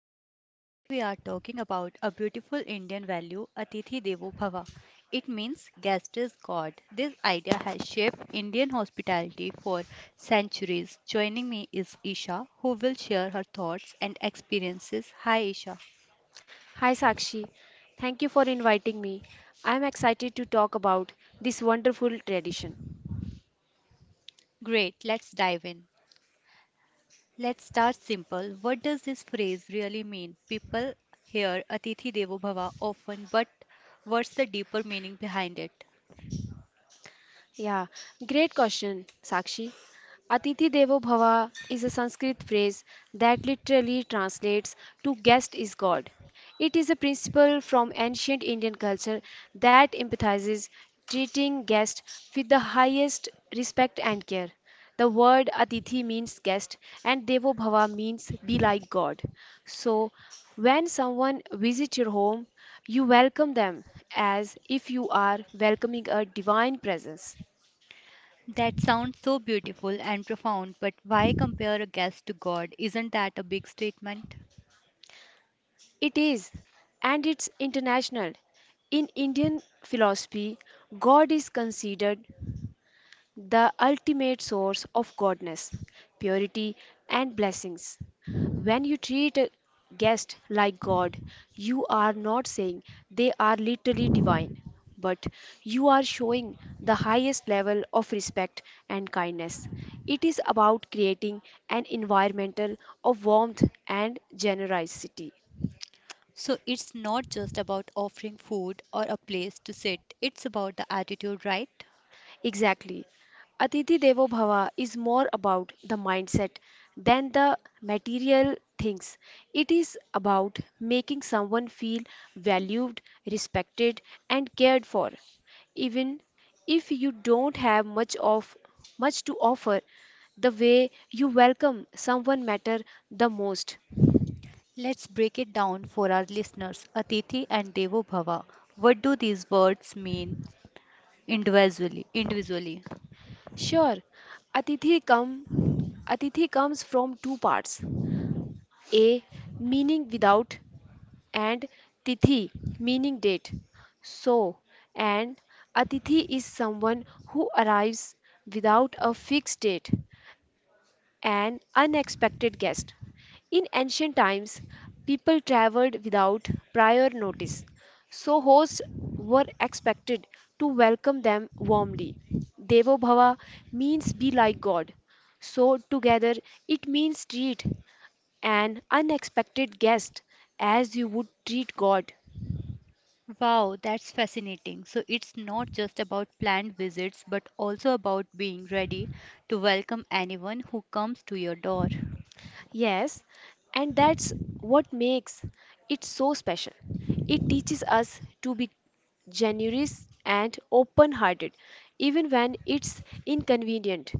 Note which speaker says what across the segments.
Speaker 1: podcast. Today we are talking about a beautiful Indian value, Atithi Devo Bhava. It means guest is God. This idea has shaped Indian hospitality for centuries. Joining me is Isha, who will share her thoughts and experiences. Hi, Isha.
Speaker 2: Hi Sakshi, thank you for inviting me. I'm excited to talk about this wonderful tradition.
Speaker 1: Great, let's dive in. Let's start simple. What does this phrase really mean? People hear Atithi Devo Bhava often, but what's the deeper meaning behind it?
Speaker 2: Yeah, great question, Sakshi. Atithi Devo Bhava is a Sanskrit phrase that literally translates to guest is God. It is a principle from ancient Indian culture that emphasizes treating guests with the highest respect and care. The word Atithi means guest and Devo Bhava means be like God. So, when someone visits your home, you welcome them as if you are welcoming a divine presence.
Speaker 1: That sounds so beautiful and profound, but why compare a guest to God? Isn't that a big statement?
Speaker 2: It is, and it's international. In Indian philosophy, God is considered the ultimate source of godness, purity, and blessings. When you treat a guest like God, you are not saying they are literally divine, but you are showing the highest level of respect and kindness. It is about creating an environmental of warmth and generosity.
Speaker 1: So it's not just about offering food or a place to sit, it's about the attitude, right?
Speaker 2: Exactly. Atithi Devo Bhava is more about the mindset than the material things. It is about making someone feel valued, respected, and cared for. Even if you don't have much of much to offer, the way you welcome someone matter the most.
Speaker 1: Let's break it down for our listeners. Atithi and Devo Bhava. What do these words mean individually?
Speaker 2: Sure, Atithi come Atithi comes from two parts. A meaning without and tithi meaning date. So, an atithi is someone who arrives without a fixed date, an unexpected guest. In ancient times, people traveled without prior notice, so hosts were expected to welcome them warmly. Devo Bhava means be like God. So, together, it means treat an unexpected guest as you would treat God.
Speaker 1: Wow, that's fascinating. So it's not just about planned visits, but also about being ready to welcome anyone who comes to your door.
Speaker 2: Yes, and that's what makes it so special. It teaches us to be generous and open hearted, even when it's inconvenient.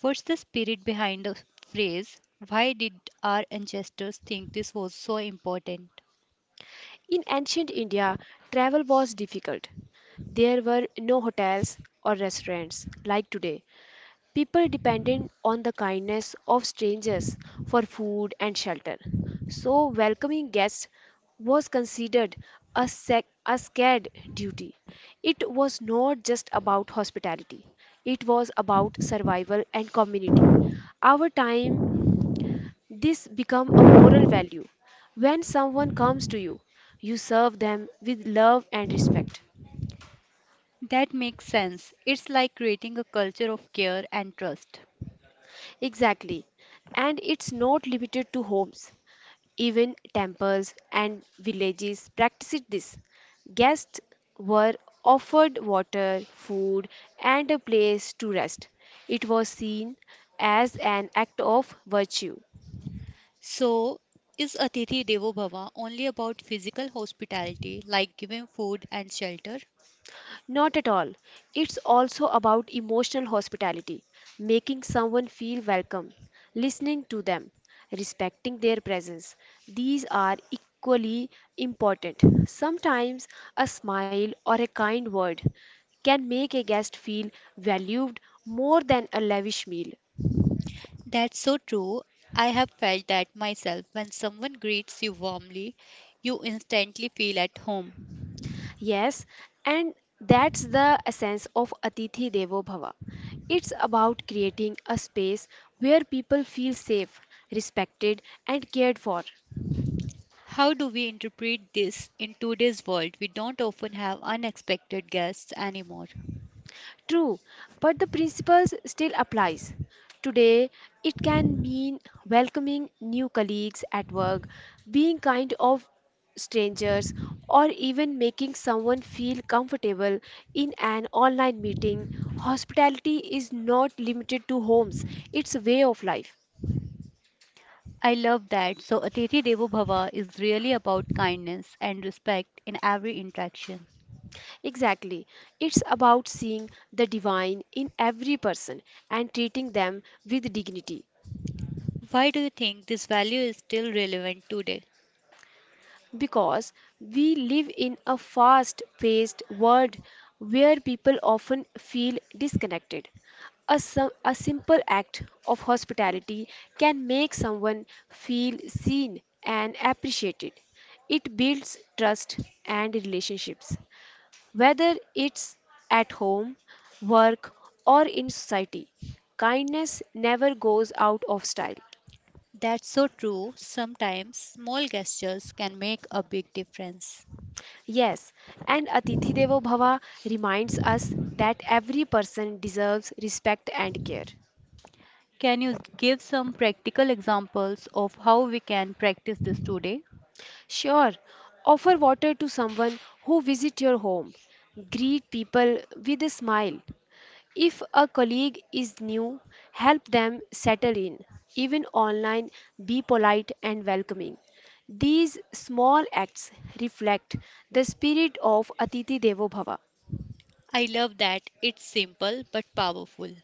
Speaker 1: What's the spirit behind the phrase? Why did our ancestors think this was so important?
Speaker 2: In ancient India, travel was difficult. There were no hotels or restaurants like today. People depended on the kindness of strangers for food and shelter. So, welcoming guests was considered a scared duty. It was not just about hospitality, it was about survival and community. Our time, this become a moral value. When someone comes to you, you serve them with love and respect.
Speaker 1: That makes sense. It's like creating a culture of care and trust.
Speaker 2: Exactly. And it's not limited to homes. Even temples and villages practiced this. Guests were offered water, food, and a place to rest. It was seen as an act of virtue.
Speaker 1: So, is Atithi Devo Bhava only about physical hospitality, like giving food and shelter?
Speaker 2: Not at all. It's also about emotional hospitality, making someone feel welcome, listening to them, respecting their presence. These are equally important. Sometimes a smile or a kind word can make a guest feel valued more than a lavish meal.
Speaker 1: That's so true. I have felt that myself. When someone greets you warmly, you instantly feel at home.
Speaker 2: Yes, and that's the essence of Atithi Devo Bhava. It's about creating a space where people feel safe, respected, and cared for.
Speaker 1: How do we interpret this in today's world? We don't often have unexpected guests anymore.
Speaker 2: True, but the principles still applies. Today, it can mean welcoming new colleagues at work, being kind of strangers, or even making someone feel comfortable in an online meeting. Hospitality is not limited to homes, it's a way of life.
Speaker 1: I love that. So, Atithi Devo Bhava is really about kindness and respect in every interaction.
Speaker 2: Exactly. It's about seeing the divine in every person and treating them with dignity.
Speaker 1: Why do you think this value is still relevant today?
Speaker 2: Because we live in a fast paced world where people often feel disconnected. A simple act of hospitality can make someone feel seen and appreciated. It builds trust and relationships, whether it's at home, work, or in society. Kindness never goes out of style.
Speaker 1: That's so true. Sometimes small gestures can make a big difference.
Speaker 2: Yes, and Atithi Devo Bhava reminds us that every person deserves respect and care.
Speaker 1: Can you give some practical examples of how we can practice this today?
Speaker 2: Sure, offer water to someone who visits your home. Greet people with a smile. If a colleague is new, help them settle in. Even online, be polite and welcoming. These small acts reflect the spirit of Atithi Devo Bhava.
Speaker 1: I love that. It's simple but powerful.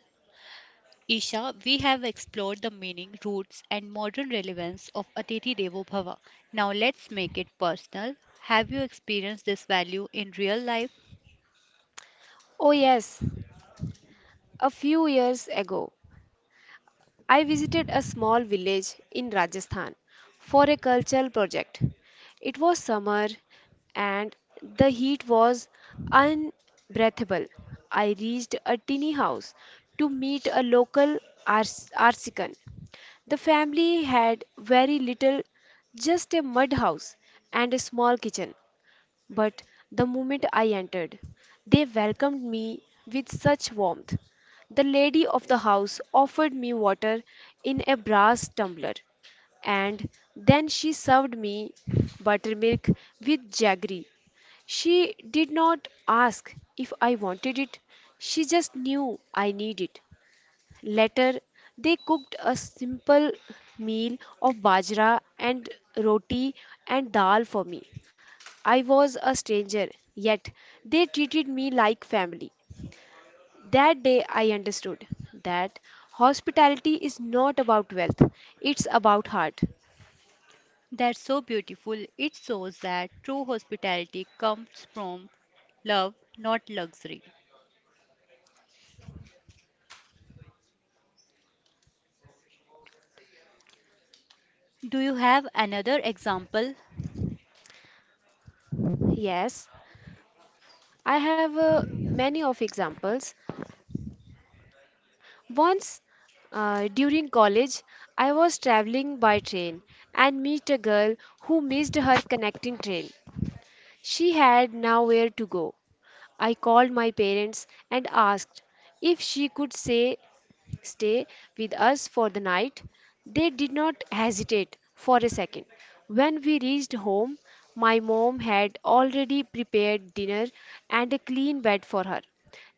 Speaker 1: Isha, we have explored the meaning, roots, and modern relevance of Atithi Devo Bhava. Now let's make it personal. Have you experienced this value in real life?
Speaker 2: Oh, yes, a few years ago, I visited a small village in Rajasthan for a cultural project. It was summer and the heat was unbreathable. I reached a tiny house to meet a artisan. The family had very little, just a mud house and a small kitchen. But the moment I entered, they welcomed me with such warmth. The lady of the house offered me water in a brass tumbler, and then she served me buttermilk with jaggery. She did not ask if I wanted it, she just knew I needed it. Later, they cooked a simple meal of bajra and roti and dal for me. I was a stranger, yet they treated me like family. That day I understood that hospitality is not about wealth, it's about heart.
Speaker 1: That's so beautiful. It shows that true hospitality comes from love, not luxury. Do you have another example?
Speaker 2: Yes, I have many of examples. Once during college, I was traveling by train and meet a girl who missed her connecting train. She had nowhere to go. I called my parents and asked if she could stay with us for the night. They did not hesitate for a second. When we reached home, my mom had already prepared dinner and a clean bed for her.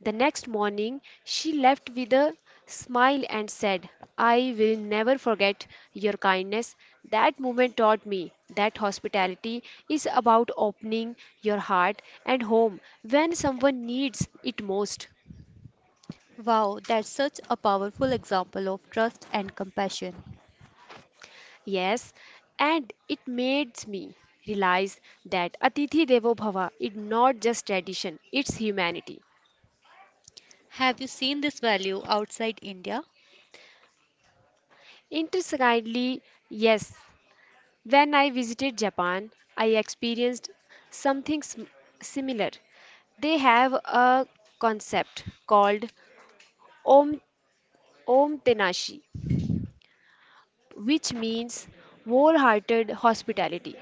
Speaker 2: The next morning, she left with a smile and said, I will never forget your kindness. That moment taught me that hospitality is about opening your heart and home when someone needs it most.
Speaker 1: Wow, that's such a powerful example of trust and compassion.
Speaker 2: Yes, and it made me realize that Atithi Devo Bhava is not just tradition, it's humanity.
Speaker 1: Have you seen this value outside India?
Speaker 2: Interestingly, yes, when I visited Japan, I experienced something sim- similar. They have a concept called Om, Om Tenashi, which means wholehearted hospitality.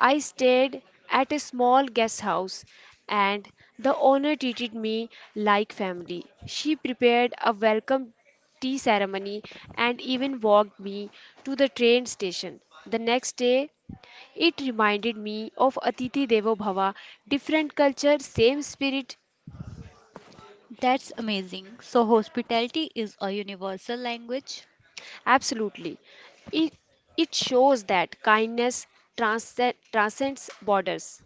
Speaker 2: I stayed at a small guest house, and the owner treated me like family. She prepared a welcome tea ceremony and even walked me to the train station. The next day, it reminded me of Atiti Devo Bhava, different culture, same spirit.
Speaker 1: That's amazing. So, hospitality is a universal language.
Speaker 2: Absolutely. It, it shows that kindness transcends borders.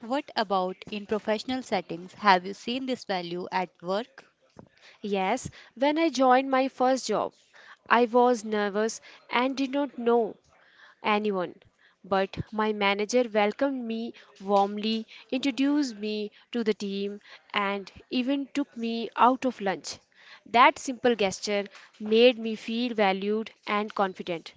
Speaker 1: What about in professional settings? Have you seen this value at work?
Speaker 2: Yes, when I joined my first job, I was nervous and did not know anyone. But my manager welcomed me warmly, introduced me to the team, and even took me out of lunch. That simple gesture made me feel valued and confident.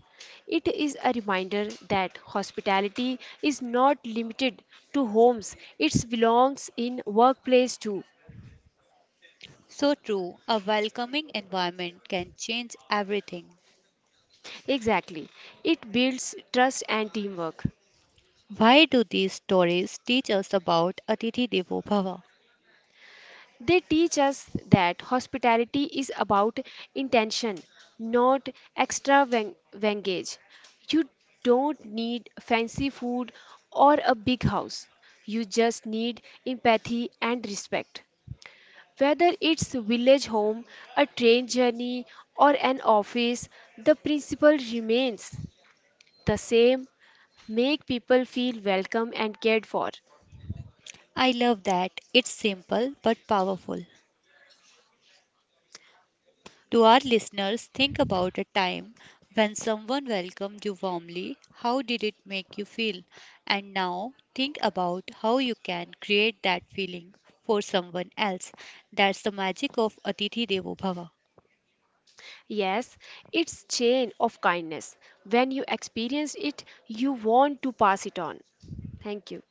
Speaker 2: It is a reminder that hospitality is not limited to homes, it belongs in workplace too.
Speaker 1: So true, a welcoming environment can change everything.
Speaker 2: Exactly. It builds trust and teamwork.
Speaker 1: Why do these stories teach us about Atithi Devo Bhava?
Speaker 2: They teach us that hospitality is about intention, not extravagance. You don't need fancy food or a big house. You just need empathy and respect. Whether it's village home, a train journey, or an office, the principle remains the same. Make people feel welcome and cared for.
Speaker 1: I love that. It's simple but powerful. To our listeners, think about a time when someone welcomed you warmly. How did it make you feel? And now think about how you can create that feeling for someone else. That's the magic of Atithi Devo Bhava.
Speaker 2: Yes, it's chain of kindness. When you experience it, you want to pass it on. Thank you.